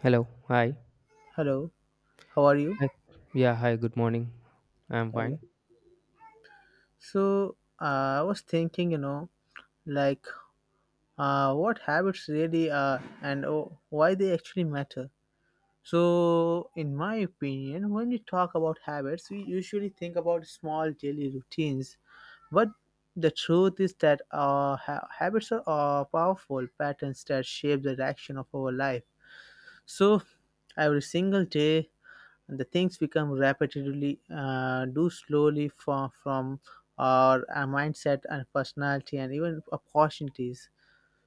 Hello. Hi. Hello, how are you? Hi. Yeah. Hi. Good morning. I'm Hello. fine. So I was thinking, like what habits really are and why they actually matter. So, in my opinion, when we talk about habits, we usually think about small daily routines, but the truth is that habits are powerful patterns that shape the direction of our life. So, every single day and the things become repetitively do slowly for, from our mindset and personality and even opportunities,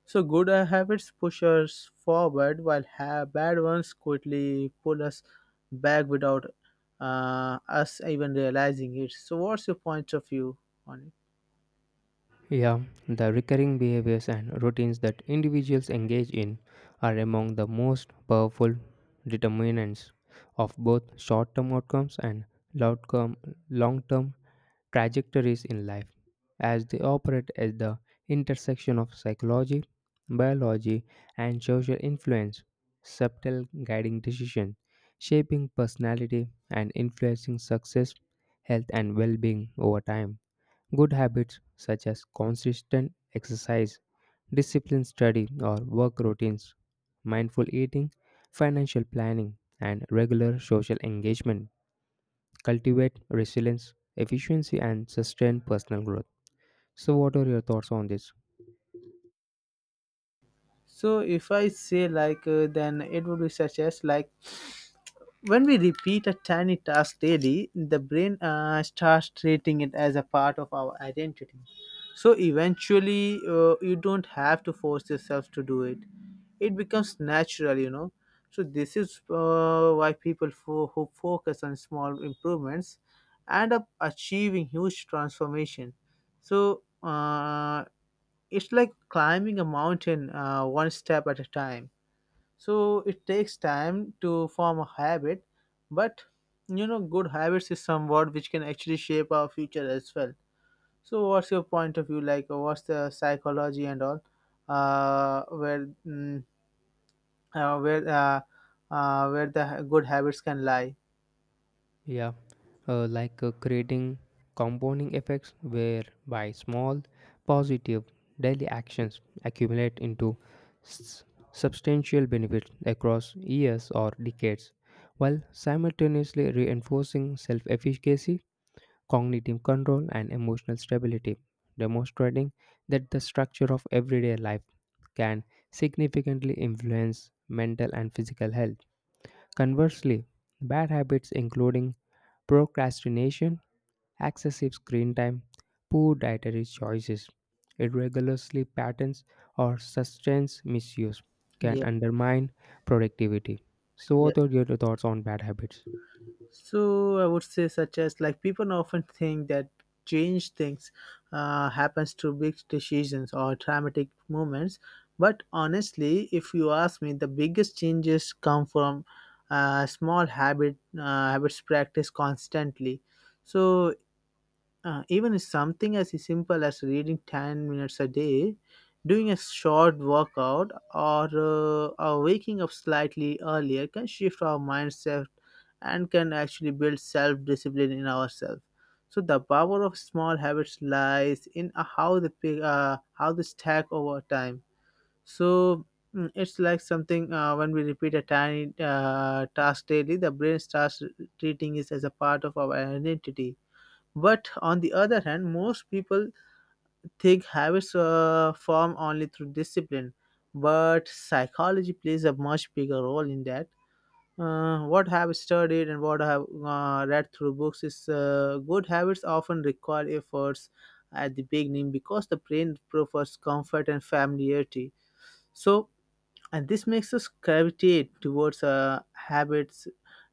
so good habits push us forward while bad ones quickly pull us back without us even realizing it. So what's your point of view on it? Yeah. The recurring behaviors and routines that individuals engage in are among the most powerful determinants of both short term outcomes and long term trajectories in life, as they operate at the intersection of psychology, biology, and social influence, subtle guiding decisions, shaping personality and influencing success, health, and well being over time. Good habits such as consistent exercise, disciplined study or work routines, mindful eating, financial planning, and regular social engagement cultivate resilience, efficiency, and sustain personal growth. So, what are your thoughts on this? So if I say then it would be such as like, when we repeat a tiny task daily, the brain starts treating it as a part of our identity. So eventually, you don't have to force yourself to do it. It becomes natural, you know. So this is why people who focus on small improvements end up achieving huge transformation. So it's like climbing a mountain one step at a time. So it takes time to form a habit, but you know, good habits is somewhat which can actually shape our future as well. So what's your point of view, what's the psychology and all, where mm, uh, where uh, where the ha- good habits can lie? Yeah, creating compounding effects whereby small positive daily actions accumulate into s- substantial benefits across years or decades, while simultaneously reinforcing self efficacy, cognitive control, and emotional stability, demonstrating that the structure of everyday life can significantly influence mental and physical health. Conversely, bad habits including procrastination, excessive screen time, poor dietary choices, irregular sleep patterns, or substance misuse can Yeah. undermine productivity. So, Yeah, what are your thoughts on bad habits? so I would say, such as like, people often think that change things happens to big decisions or dramatic moments, but honestly, if you ask me, the biggest changes come from small habits practice constantly. So even if something as simple as reading 10 minutes a day, doing a short workout, or or waking up slightly earlier can shift our mindset and can actually build self discipline in ourselves. So, the power of small habits lies in how they stack over time. So, it's like something when we repeat a tiny task daily, the brain starts treating it as a part of our identity. But on the other hand, most people think habits form only through discipline. But psychology plays a much bigger role in that. What I have studied and what I have read through books is good habits often require efforts at the beginning because the brain prefers comfort and familiarity. So and this makes us gravitate towards habits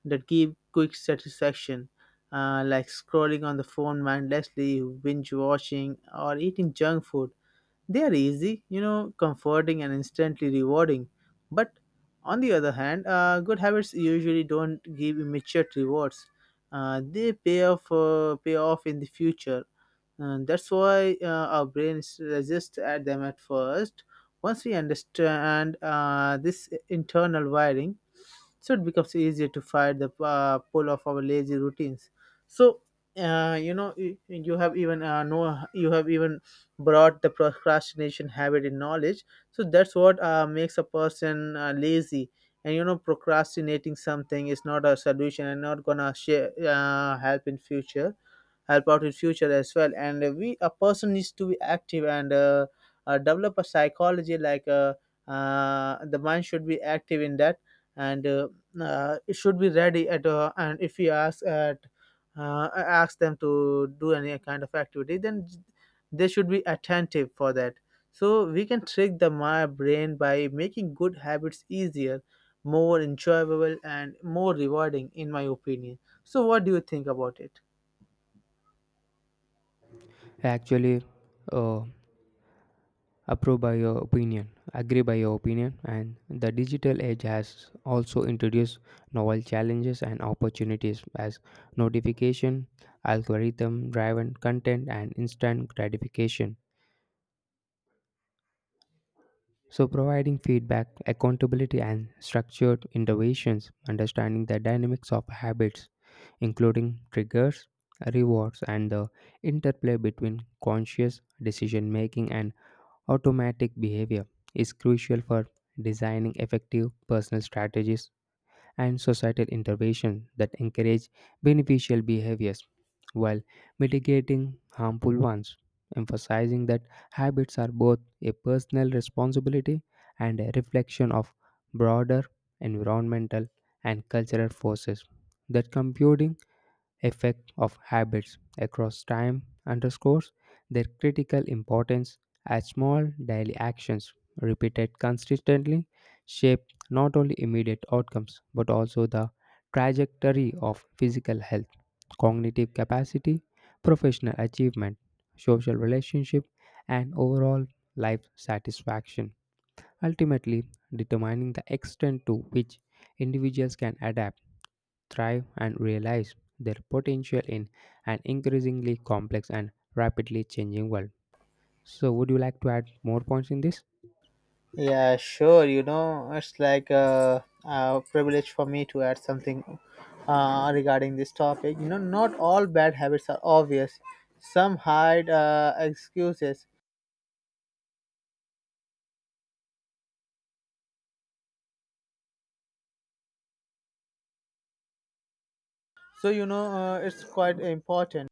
that give quick satisfaction, like scrolling on the phone mindlessly, binge watching, or eating junk food. They are easy, you know, comforting and instantly rewarding. But on the other hand, good habits usually don't give immediate rewards. They pay off in the future, and that's why our brains resist at them at first. Once we understand this internal wiring, so it becomes easier to fight the pull of our lazy routines. So, you have even no, you have even brought the procrastination habit in knowledge. So that's what makes a person lazy. And you know, procrastinating something is not a solution and not gonna help in future, help out in future as well, and we a person needs to be active, and develop a psychology like the mind should be active in that, and it should be ready at and if we ask at ask them to do any kind of activity, then they should be attentive for that. So we can trick the my brain by making good habits easier, more enjoyable, and more rewarding, in my opinion. So what do you think about it? Actually, uh, approve by your opinion, agree by your opinion, and the digital age has also introduced novel challenges and opportunities as notification, algorithm driven content, and instant gratification, so providing feedback, accountability, and structured interventions. Understanding the dynamics of habits including triggers, rewards, and the interplay between conscious decision making and automatic behavior is crucial for designing effective personal strategies and societal interventions that encourage beneficial behaviors while mitigating harmful ones, emphasizing that habits are both a personal responsibility and a reflection of broader environmental and cultural forces. That computing effect of habits across time underscores their critical importance, as small daily actions repeated consistently shape not only immediate outcomes but also the trajectory of physical health, cognitive capacity, professional achievement, social relationship, and overall life satisfaction, ultimately determining the extent to which individuals can adapt, thrive, and realize their potential in an increasingly complex and rapidly changing world. So, would you like to add more points in this? Yeah, sure. You know, it's like a privilege for me to add something regarding this topic. You know, not all bad habits are obvious, some hide excuses. So, you know, it's quite important.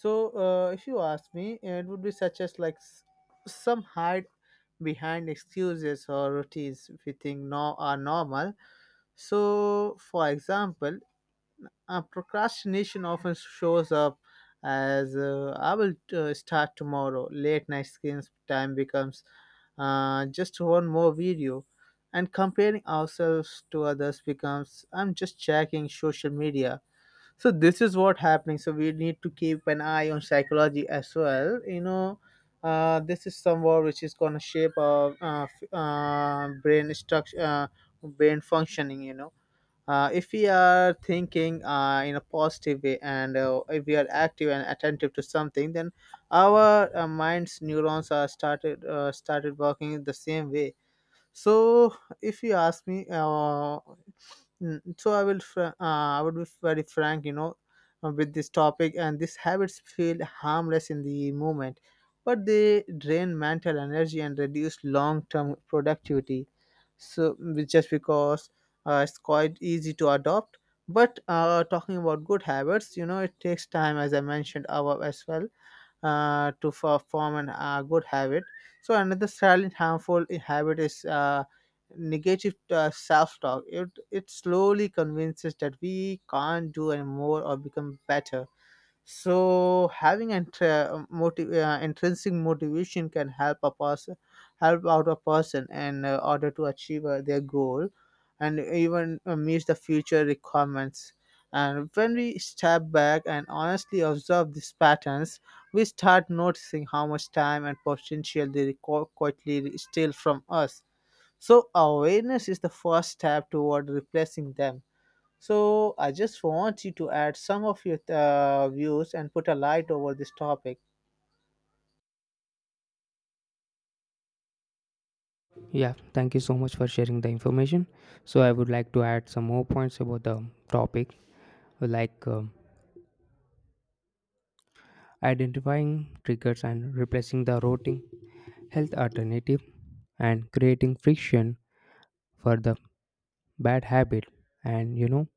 So, if you ask me, it would be such as like some hide behind excuses or routines we think no are normal. So, for example, procrastination often shows up as I will start tomorrow. Late night screen time becomes just one more video. And comparing ourselves to others becomes I'm just checking social media. So this is what happening. So we need to keep an eye on psychology as well. You know, this is somewhat which is gonna shape our brain structure, brain functioning. You know, if we are thinking in a positive way, and if we are active and attentive to something, then our mind's neurons are started working the same way. So, if you ask me, so I will, I would be very frank, you know, with this topic. And these habits feel harmless in the moment, but they drain mental energy and reduce long-term productivity. So, just because it's quite easy to adopt. But talking about good habits, you know, it takes time, as I mentioned above as well, form an good habit. So another silent harmful habit is negative self-talk. It slowly convinces that we can't do anymore or become better. So having intrinsic motivation can help a person, help out a person in order to achieve their goal and even meet the future requirements. And when we step back and honestly observe these patterns, we start noticing how much time and potential they quietly steal from us. So awareness is the first step toward replacing them. So I just want you to add some of your views and put a light over this topic. Yeah, thank you so much for sharing the information. So, I would like to add some more points about the topic, like identifying triggers and replacing the routing, health alternative, and creating friction for the bad habit. And you know,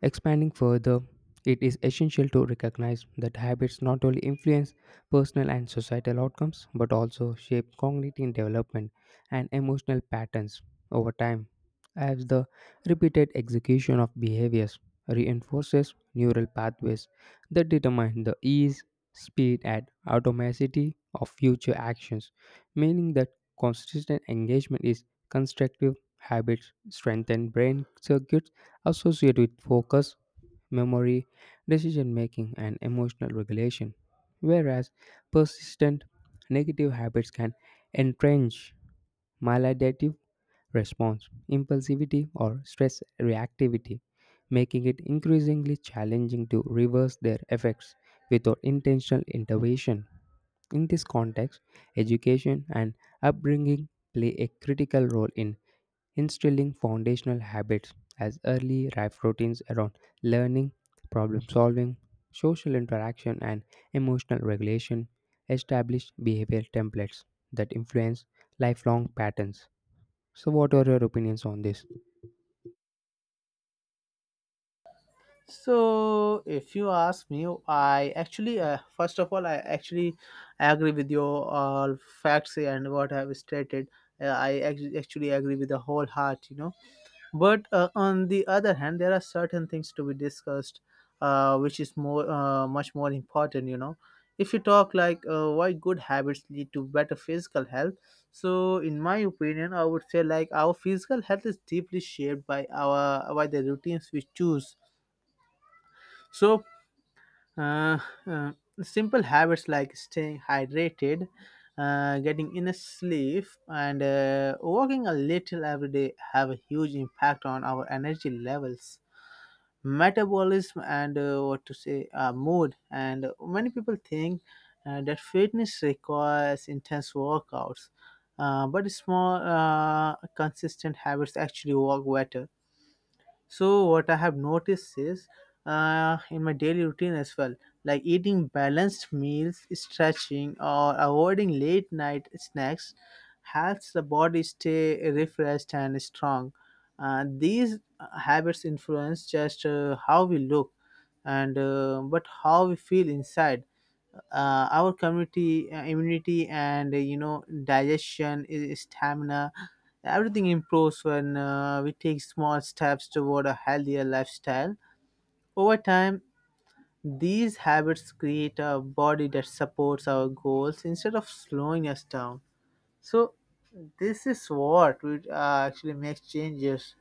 expanding further, it is essential to recognize that habits not only influence personal and societal outcomes but also shape cognitive development and emotional patterns over time, as the repeated execution of behaviors reinforces neural pathways that determine the ease, speed, and automaticity of future actions, meaning that consistent engagement is constructive. Habits strengthen brain circuits associated with focus, memory, decision making, and emotional regulation, whereas persistent negative habits can entrench maladaptive response, impulsivity, or stress reactivity, making it increasingly challenging to reverse their effects without intentional intervention. In this context, education and upbringing play a critical role in instilling foundational habits, as early life routines around learning, problem solving, social interaction, and emotional regulation establish behavior templates that influence lifelong patterns. So, what are your opinions on this? So if you ask me, I actually first of all I actually agree with your all facts and what I have stated. Actually agree with the whole heart. You know, but on the other hand, there are certain things to be discussed, which is more much more important. You know, if you talk why good habits lead to better physical health, so in my opinion, I would say like our physical health is deeply shaped by our by the routines we choose. So, uh, uh, simple habits like staying hydrated. Getting enough sleep and walking a little every day have a huge impact on our energy levels, metabolism, and what to say mood. And many people think that fitness requires intense workouts, but small consistent habits actually work better. So what I have noticed is in my daily routine as well, like eating balanced meals, stretching, or avoiding late night snacks helps the body stay refreshed and strong. These habits influence just how we look and but how we feel inside. Our community immunity and you know, digestion, stamina, everything improves when we take small steps toward a healthier lifestyle. Over time, these habits create a body that supports our goals instead of slowing us down. So this is what would actually makes changes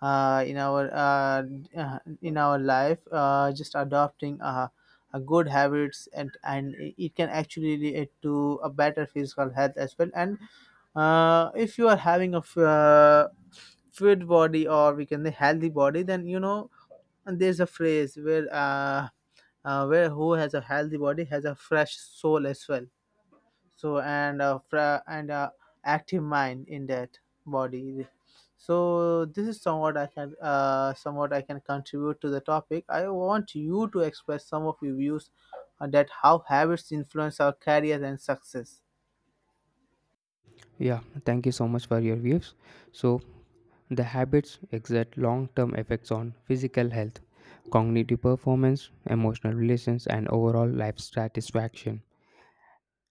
uh, in our uh, in our life. Just adopting a good habits, and it can actually lead to a better physical health as well. And if you are having a fit body, or we can say healthy body, then you know, and there's a phrase where who has a healthy body has a fresh soul as well. So, and active mind in that body. So this is somewhat I can somewhat I can contribute to the topic. I want you to express some of your views on that, how habits influence our careers and success. Yeah, thank you so much for your views. So, the habits exert long term effects on physical health, cognitive performance, emotional relations, and overall life satisfaction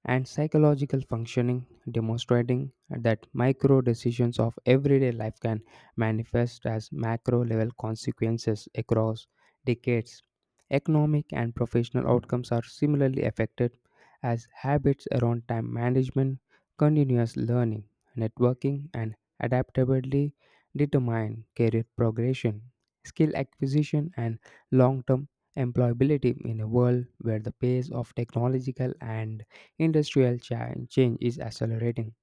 and psychological functioning, demonstrating that micro decisions of everyday life can manifest as macro level consequences across decades. Economic and professional outcomes are similarly affected, as habits around time management, continuous learning, networking, and adaptability determine career progression, skill acquisition, and long term employability in a world where the pace of technological and industrial change is accelerating.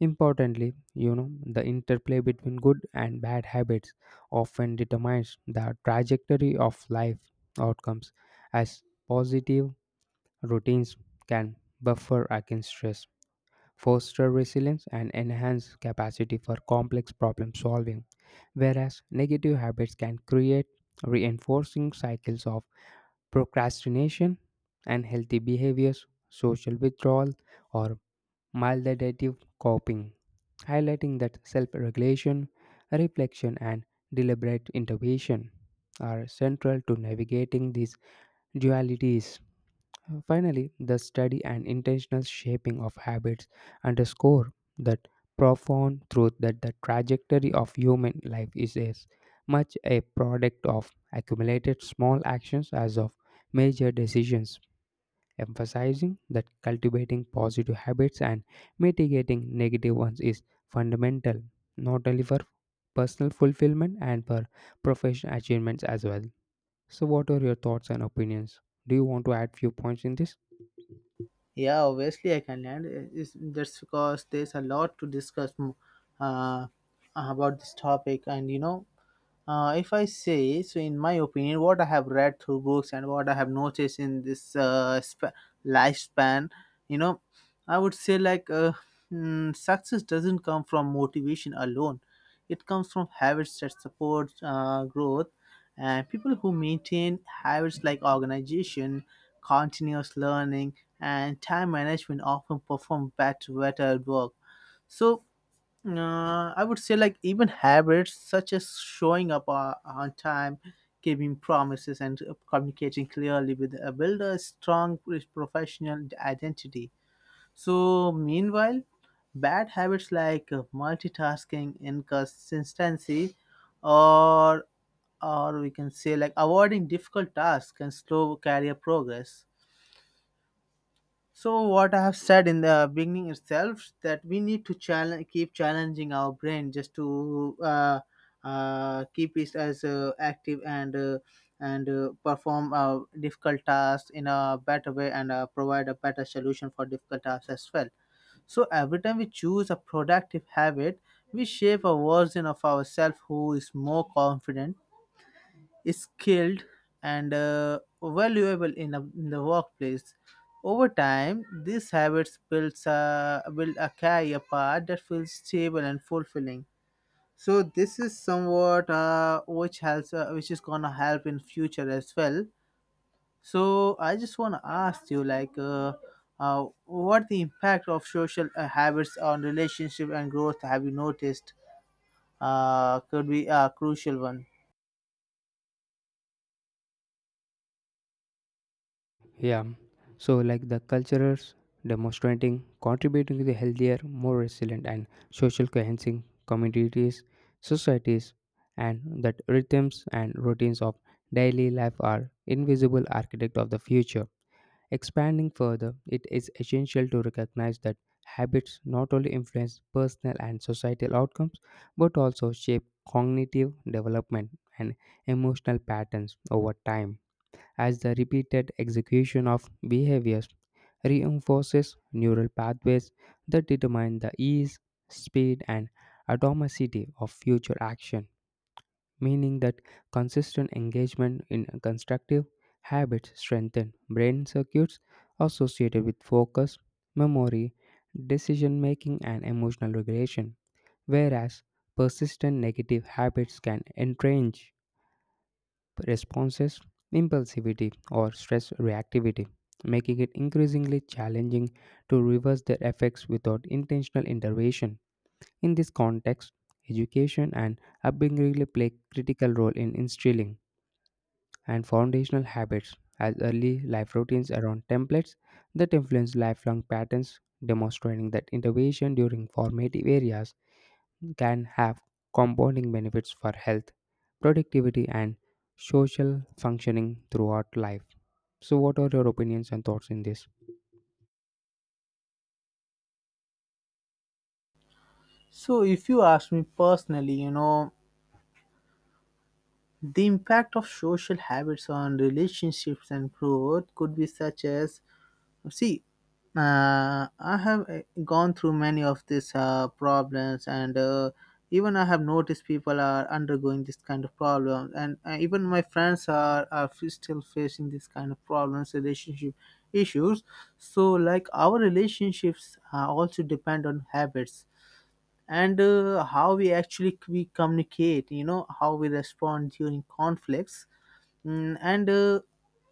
Importantly, you know, the interplay between good and bad habits often determines the trajectory of life outcomes, as positive routines can buffer against stress, foster resilience, and enhance capacity for complex problem solving, whereas negative habits can create reinforcing cycles of procrastination, unhealthy behaviors, social withdrawal, or maladaptive coping, highlighting that self regulation, reflection, and deliberate intervention are central to navigating these dualities. Finally, the study and intentional shaping of habits underscore that profound truth that the trajectory of human life is as much a product of accumulated small actions as of major decisions, emphasizing that cultivating positive habits and mitigating negative ones is fundamental not only for personal fulfillment and for professional achievements as well. So, what are your thoughts and opinions? Do you want to add few points in this? Yeah, obviously I can land is, that's because there's a lot to discuss. Uh, about this topic, and you know, if I say so, in my opinion, what I have read through books and what I have noticed in this lifespan, you know, I would say success doesn't come from motivation alone. It comes from habits that support growth, and people who maintain habits like organization, continuous learning, and time management often perform better at work. So I would say like even habits such as showing up on time, keeping promises, and communicating clearly with build a strong professional identity. So meanwhile, bad habits like multitasking, inconsistency, or we can say like avoiding difficult tasks can slow career progress. So what I have said in the beginning itself that we need to challenge, keep challenging our brain just to keep it as active and perform difficult tasks in a better way and provide a better solution for difficult tasks as well. So every time we choose a productive habit, we shape a version of ourselves who is more confident, skilled, and valuable in the workplace. Over time, these build a career path that feels stable and fulfilling. So this is somewhat which is gonna help in future as well. So I just wanna ask you, like, what the impact of social habits on relationship and growth have you noticed? Could be a crucial one. Yeah. So, like the cultures demonstrating contributing to the healthier, more resilient and social cohesion communities, societies, and that rhythms and routines of daily life are invisible architect of the future. Expanding further, it is essential to recognize that habits not only influence personal and societal outcomes but also shape cognitive development and emotional patterns over time, as the repeated execution of behaviors reinforces neural pathways that determine the ease, speed, and atomicity of future action, meaning that consistent engagement in constructive habits strengthen brain circuits associated with focus, memory, decision making, and emotional regulation, whereas persistent negative habits can entrench responses, impulsivity, or stress reactivity, making it increasingly challenging to reverse their effects without intentional intervention. In this context, education and upbringing really play critical role in instilling and foundational habits as early life routines around templates that influence lifelong patterns, demonstrating that intervention during formative areas can have compounding benefits for health, productivity, and social functioning throughout life. So, what are your opinions and thoughts in this? So if you ask me personally, you know, the impact of social habits on relationships and growth could be such as, see, I have gone through many of these problems, and even I have noticed people are undergoing this kind of problem, and even my friends still facing this kind of problems, relationship issues. So, like our relationships also depend on habits and how we communicate, you know, how we respond during conflicts. Mm, and uh,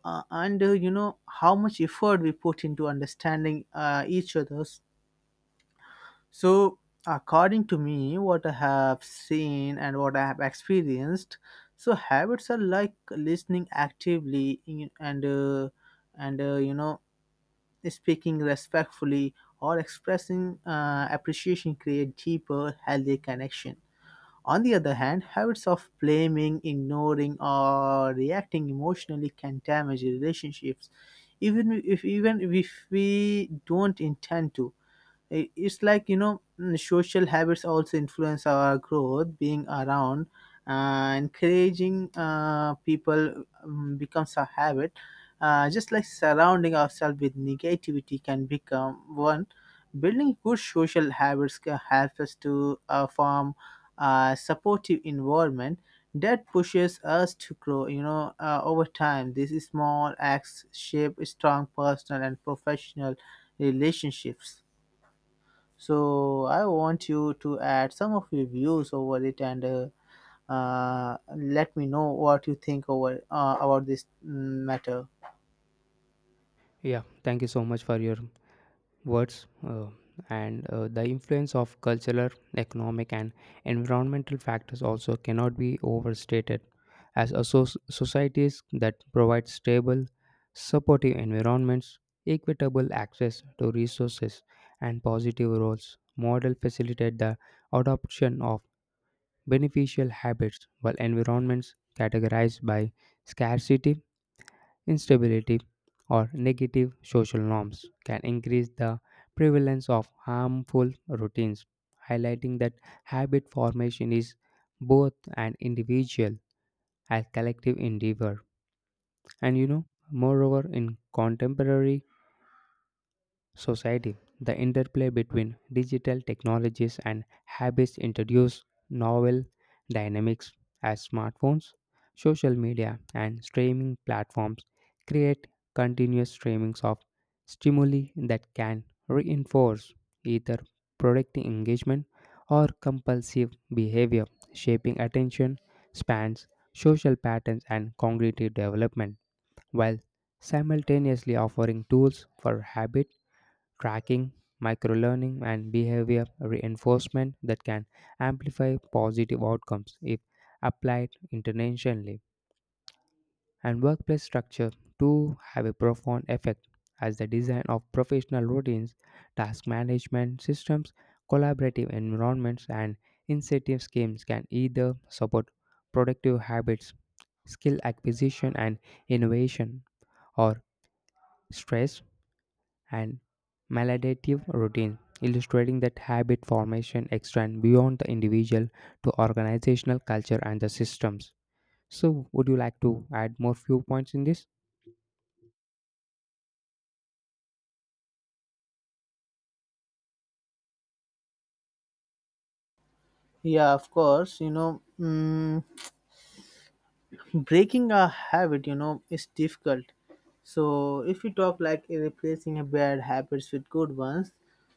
uh, and uh, you know, how much effort we put into understanding each other's. So according to me, what I have seen and what I have experienced, so habits are like listening actively in- and you know, speaking respectfully or expressing appreciation create deeper healthy connection. On the other hand, habits of blaming, ignoring, or reacting emotionally can damage relationships, even if we don't intend to. It's like, you know, mm, social habits also influence our growth, being around. Encouraging people becomes a habit. Just like surrounding ourselves with negativity can become one. Building good social habits can help us to form a supportive environment that pushes us to grow, you know. Over time, these small acts shape strong personal and professional relationships. So I want you to add some of your views over it and let me know what you think over about this matter. Yeah, thank you so much for your words, and the influence of cultural, economic, and environmental factors also cannot be overstated. As societies that provide stable, supportive environments, equitable access to resources, and positive roles, model facilitate the adoption of beneficial habits, while environments categorized by scarcity, instability, or negative social norms can increase the prevalence of harmful routines, highlighting that habit formation is both an individual and collective endeavor. And you know, moreover, in contemporary society, the interplay between digital technologies and habits introduce novel dynamics, as smartphones, social media, and streaming platforms create continuous streamings of stimuli that can reinforce either productive engagement or compulsive behavior, shaping attention spans, social patterns, and cognitive development, while simultaneously offering tools for habit tracking, microlearning, and behavior reinforcement that can amplify positive outcomes if applied intentionally. And workplace structure too have a profound effect, as the design of professional routines, task management systems, collaborative environments, and incentive schemes can either support productive habits, skill acquisition, and innovation, or stress and maladaptive routine, illustrating that habit formation extends beyond the individual to organizational culture and the systems. So, would you like to add more few points in this? Yeah, of course. You know. Mm, breaking a habit, you know, is difficult. So if you talk like replacing a bad habits with good ones,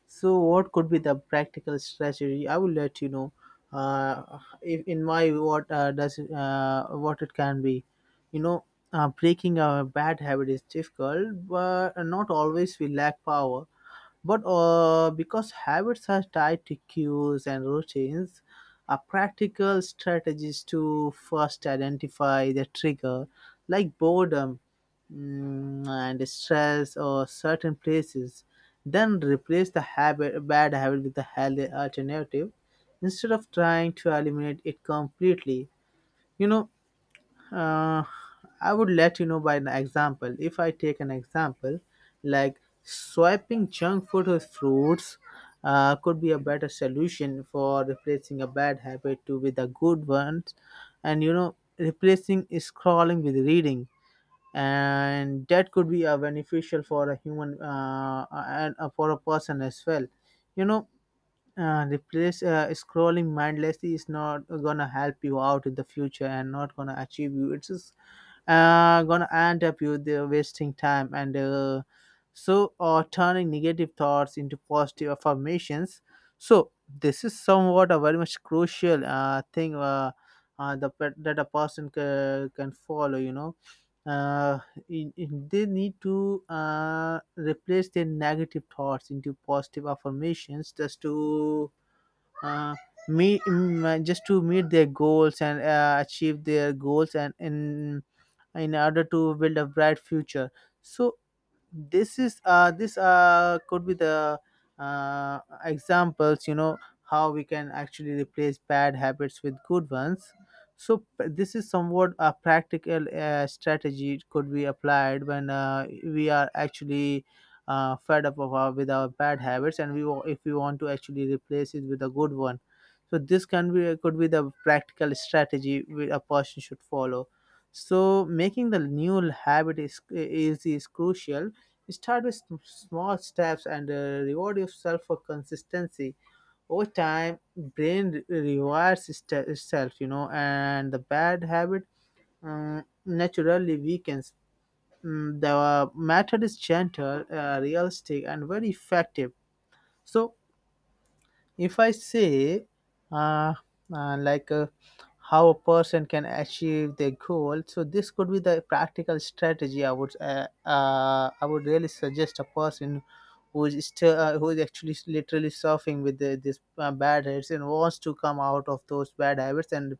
so what could be the practical strategy, I will let you know. Uh if in my what does it, what it can be You know, breaking a bad habit is difficult but not always we lack power, but because habits are tied to cues and routines, a practical strategy is to first identify the trigger, like boredom, and stress or certain places. Then replace the bad habit with a healthy alternative instead of trying to eliminate it completely. You know, uh, I would let you know by an example. If I take an example, like swiping junk food or fruits could be a better solution for replacing a bad habit to with a good one, and you know, replacing scrolling with reading, and that could be a beneficial for a human and for a person as well, you know. Replace Scrolling mindlessly is not gonna help you out in the future and not gonna achieve you, it's just gonna end up you the wasting time, and so or turning negative thoughts into positive affirmations. So this is somewhat a very much crucial thing that a person can follow, you know. uh, they need to replace their negative thoughts into positive affirmations just to uh, just to meet their goals and achieve their goals and in order to build a bright future. So this could be the uh examples, you know, how we can actually replace bad habits with good ones. So this is somewhat a practical strategy could be applied when we are actually fed up with our bad habits and if we want to actually replace it with a good one. So this can be could be the practical strategy a person should follow. So making the new habit is easy is crucial. Start with small steps and reward yourself for consistency. Over time, brain rewards itself, you know, and the bad habit naturally weakens. Mm, the method is gentle, realistic, and very effective. So, if I say, uh, uh, like, uh, how a person can achieve their goal, so this could be the practical strategy I would really suggest a person who is still, who is actually literally surfing with this bad habits and wants to come out of those bad habits and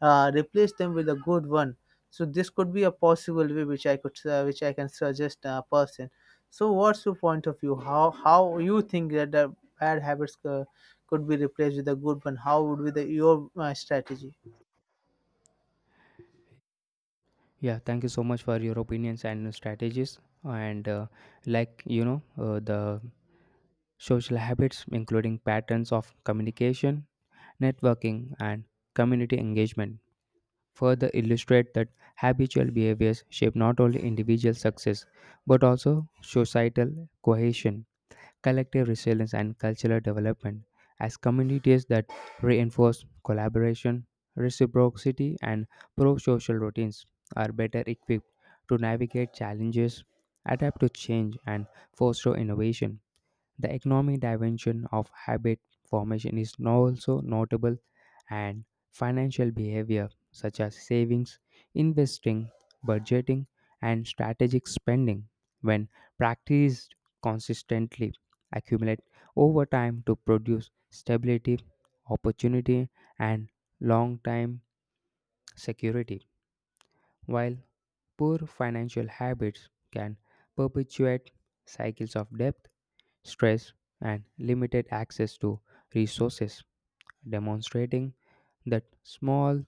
replace them with a good one. So this could be a possible way which which I can suggest a person. So, what's your point of view? How you think that the bad habits could be replaced with a good one, how would be the your strategy? Yeah, thank you so much for your opinions and strategies. And the social habits, including patterns of communication, networking, and community engagement, further illustrate that habitual behaviors shape not only individual success but also societal cohesion, collective resilience, and cultural development, as communities that reinforce collaboration, reciprocity, and pro social routines are better equipped to navigate challenges, adapt to change, and foster innovation. The economic dimension of habit formation is now also notable, and financial behavior such as savings, investing, budgeting, and strategic spending, when practiced consistently, accumulate over time to produce stability, opportunity, and long time security, while poor financial habits can perpetuate cycles of debt, stress, and limited access to resources, demonstrating that small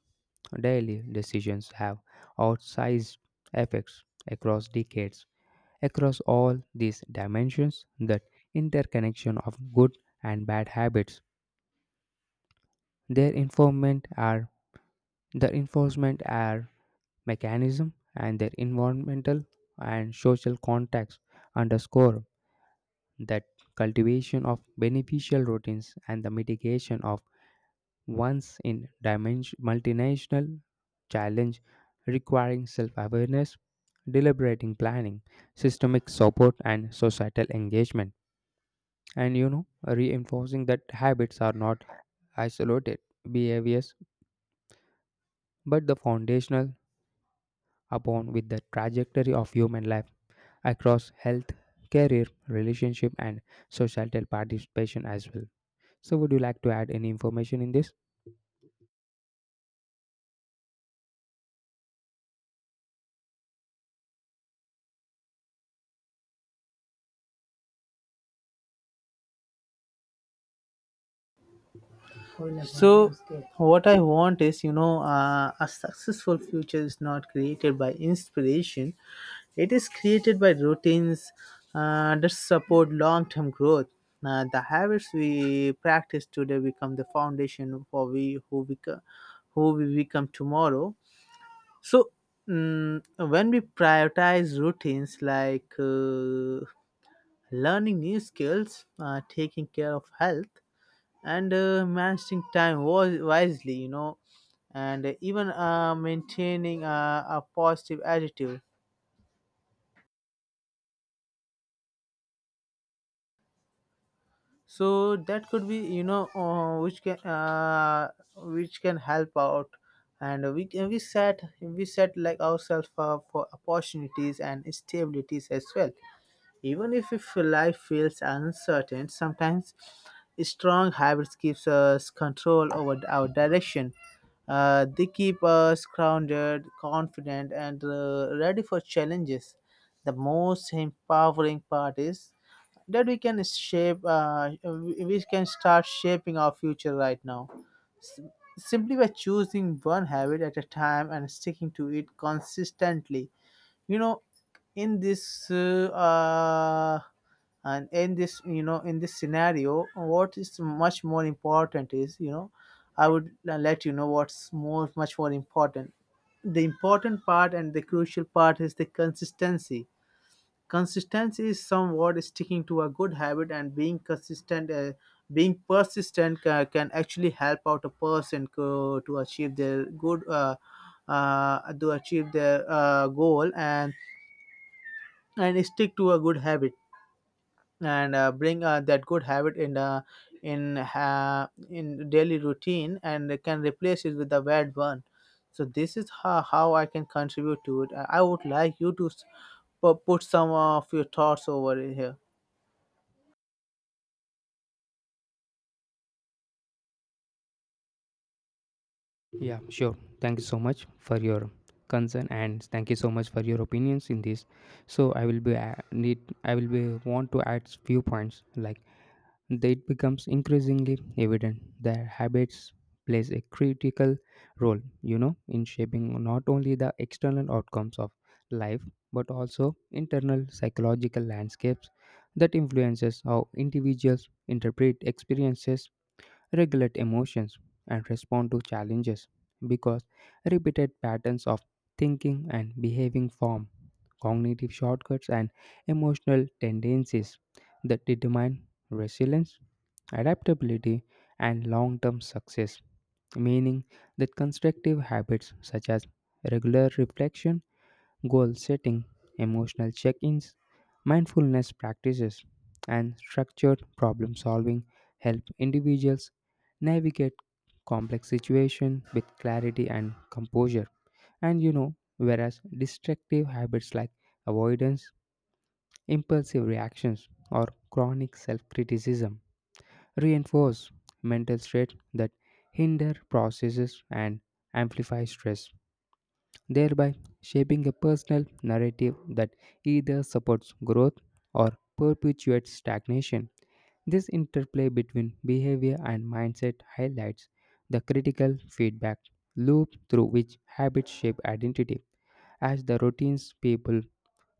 daily decisions have outsized effects across decades. Across all these dimensions, that interconnection of good and bad habits, their enforcement are their enforcement are mechanism and their environmental and social context underscore that cultivation of beneficial routines and the mitigation of one's in dimension multinational challenge, requiring self-awareness, deliberating planning, systemic support, and societal engagement, and you know, reinforcing that habits are not isolated behaviors but the foundational upon with the trajectory of human life across health, career, relationship, and societal participation as well. So, would you like to add any information in this? So, what I want is, you know, a successful future is not created by inspiration; it is created by routines that support long-term growth. The habits we practice today become the foundation for we who become who we become tomorrow. So, when we prioritize routines like learning new skills, taking care of health, and managing time wisely, you know, and even maintaining a positive attitude. So that could be, you know, which can help out, and we set like ourselves for opportunities and stabilities as well. Even If life feels uncertain, sometimes strong habits gives us control over our direction. They keep us grounded, confident, and ready for challenges. The most empowering part is that we can start shaping our future right now. S- Simply by choosing one habit at a time and sticking to it consistently, you know. In this And in this, you know, in this scenario, what is much more important is, you know, let you know what's more much more important. The important part and the crucial part is the consistency. Consistency is somewhat sticking to a good habit and being consistent, being persistent can actually help out a person to achieve their goal and stick to a good habit and bring that good habit in daily routine, and they can replace it with a bad one. So this is how I can contribute to it. I would like you to put some of your thoughts over it here. Yeah, sure. Thank you so much for your concern, and thank you so much for your opinions in this. So, I will be need I will be want to add few points like that it becomes increasingly evident that habits plays a critical role, you know, in shaping not only the external outcomes of life but also internal psychological landscapes that influences how individuals interpret experiences, regulate emotions, and respond to challenges, because repeated patterns of thinking and behaving form cognitive shortcuts and emotional tendencies that determine resilience, adaptability, and long term success. Meaning that constructive habits such as regular reflection, goal setting, emotional check ins, mindfulness practices, and structured problem solving help individuals navigate complex situations with clarity and composure. And you know, whereas destructive habits like avoidance, impulsive reactions, or chronic self criticism reinforce mental state that hinder processes and amplify stress, thereby shaping a personal narrative that either supports growth or perpetuates stagnation. This interplay between behavior and mindset highlights the critical feedback loop through which habits shape identity, as the routines people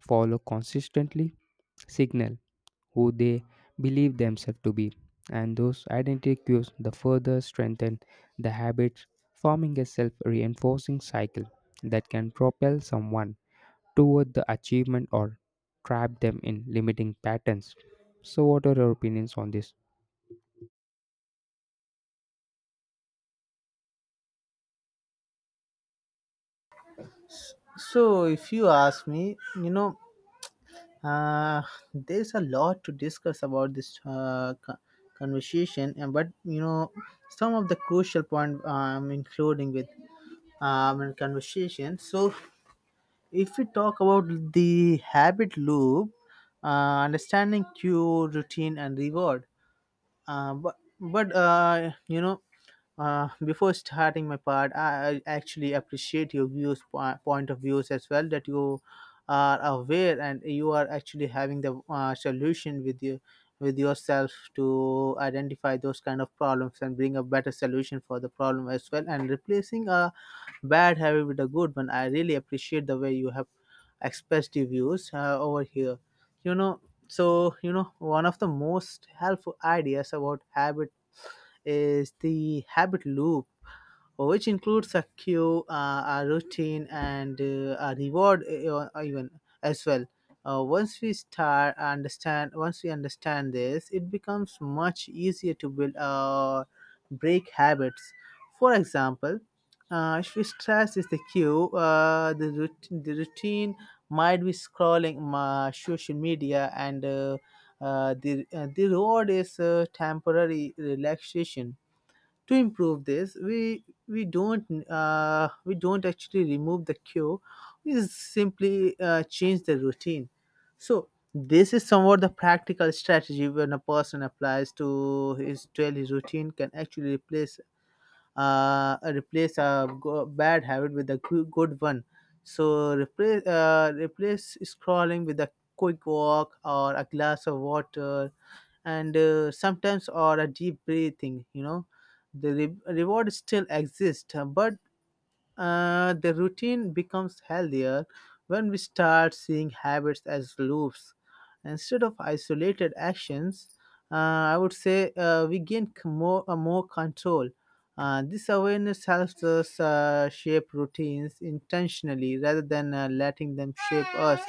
follow consistently signal who they believe themselves to be, and those identity cues the further strengthen the habits, forming a self reinforcing cycle that can propel someone toward the achievement or trap them in limiting patterns. So, what are your opinions on this? So if you ask me, you know, uh, there's a lot to discuss about this conversation, and but you know, some of the crucial point I'm including with and conversation. So, if we talk about the habit loop, understanding cue, routine, and reward. But you know, before starting my part, I actually appreciate your views point of views as well, that you are aware and you are actually having the solution with you, with yourself, to identify those kind of problems and bring a better solution for the problem as well, and replacing a bad habit with a good one. I really appreciate the way you have expressed your views over here, you know. So you know, one of the most helpful ideas about habit is the habit loop. Oh, which includes a cue, a routine, and a reward, even as well. Once we understand this, it becomes much easier to build or break habits. For example, if we stress is the cue, the routine might be scrolling my social media, and the reward is temporary relaxation. To improve this, we don't actually remove the cure, we simply change the routine. So this is somewhat the practical strategy, when a person applies to his daily routine, can actually replace a bad habit with a good one. So replace scrolling with a quick walk or a glass of water, and sometimes or a deep breathing, you know. The reward still exists, but the routine becomes healthier. When we start seeing habits as loops instead of isolated actions, I would say we gain more control. This awareness helps us shape routines intentionally rather than letting them shape us.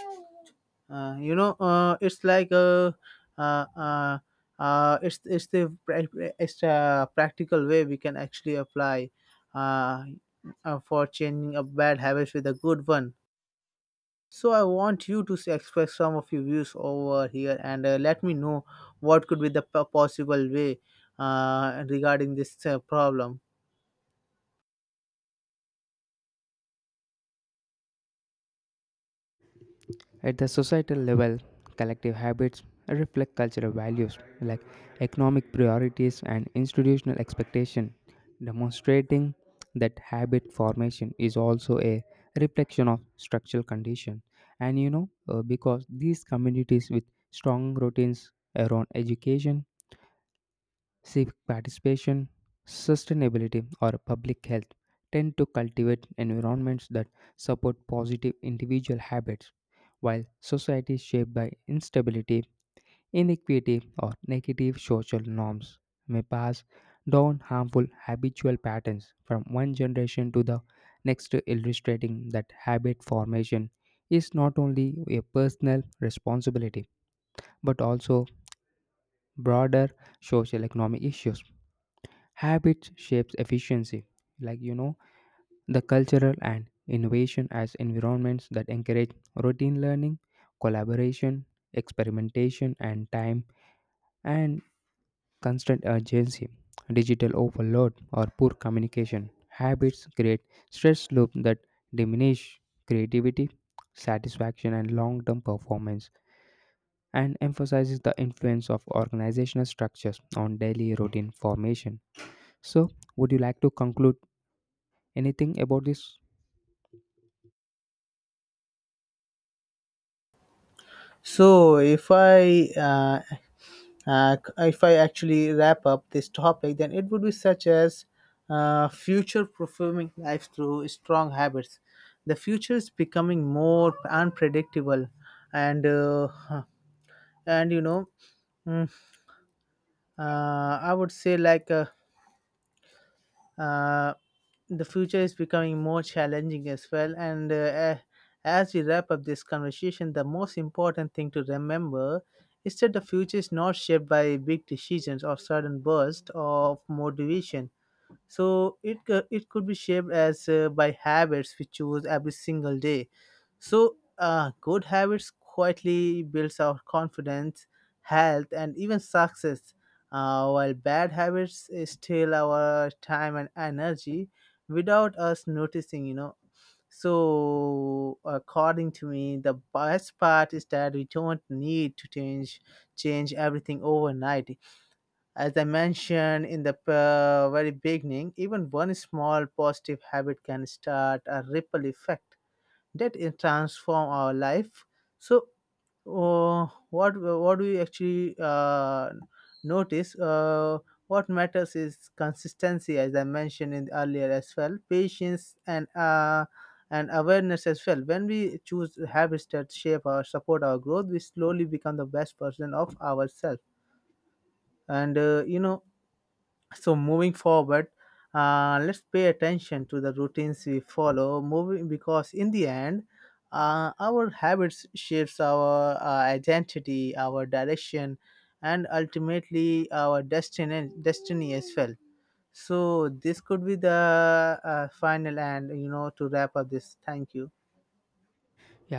Uh, you know, it's like a, uh, uh, it's the pra- it's a practical way we can actually apply uh, for changing a bad habit with a good one. So I want you to express some of your views over here and let me know what could be the possible way regarding this problem. At the societal level, collective habits reflect cultural values like economic priorities and institutional expectation, demonstrating that habit formation is also a reflection of structural condition. And you know, because these communities with strong routines around education, civic participation, sustainability, or public health tend to cultivate environments that support positive individual habits, while societies shaped by instability, inequity, or negative social norms may pass down harmful habitual patterns from one generation to the next, illustrating that habit formation is not only a personal responsibility but also broader social economic issues. Habits shapes efficiency, like you know, the cultural and innovation as environments that encourage routine learning, collaboration, experimentation, and time and constant urgency. Digital overload or poor communication habits create stress loop that diminish creativity, satisfaction, and long-term performance, and emphasizes the influence of organizational structures on daily routine formation. So, would you like to conclude anything about this? So if I actually wrap up this topic, then it would be such as future performing life through strong habits. The future is becoming more unpredictable, and uh, huh, and you know, mm, uh, I would say like. Uh, the future is becoming more challenging as well. As we wrap up this conversation, the most important thing to remember is that the future is not shaped by big decisions or sudden bursts of motivation. So it could be shaped as by habits we choose every single day. So, good habits quietly builds our confidence, health, and even success. While bad habits steal our time and energy without us noticing, you know. So, according to me, the best part is that we don't need to change everything overnight. As I mentioned in the very beginning, even one small positive habit can start a ripple effect that it transform our life. So what we actually notice what matters is consistency, as I mentioned in earlier as well, patience and awareness as well. When we choose habits that shape or support our growth, we slowly become the best version of ourselves. And you know, so moving forward, let's pay attention to the routines we follow. Moving, because in the end, our habits shapes our identity, our direction, and ultimately our destiny. Destiny as well. So this could be the final, and you know, to wrap up this. Thank you. Yeah,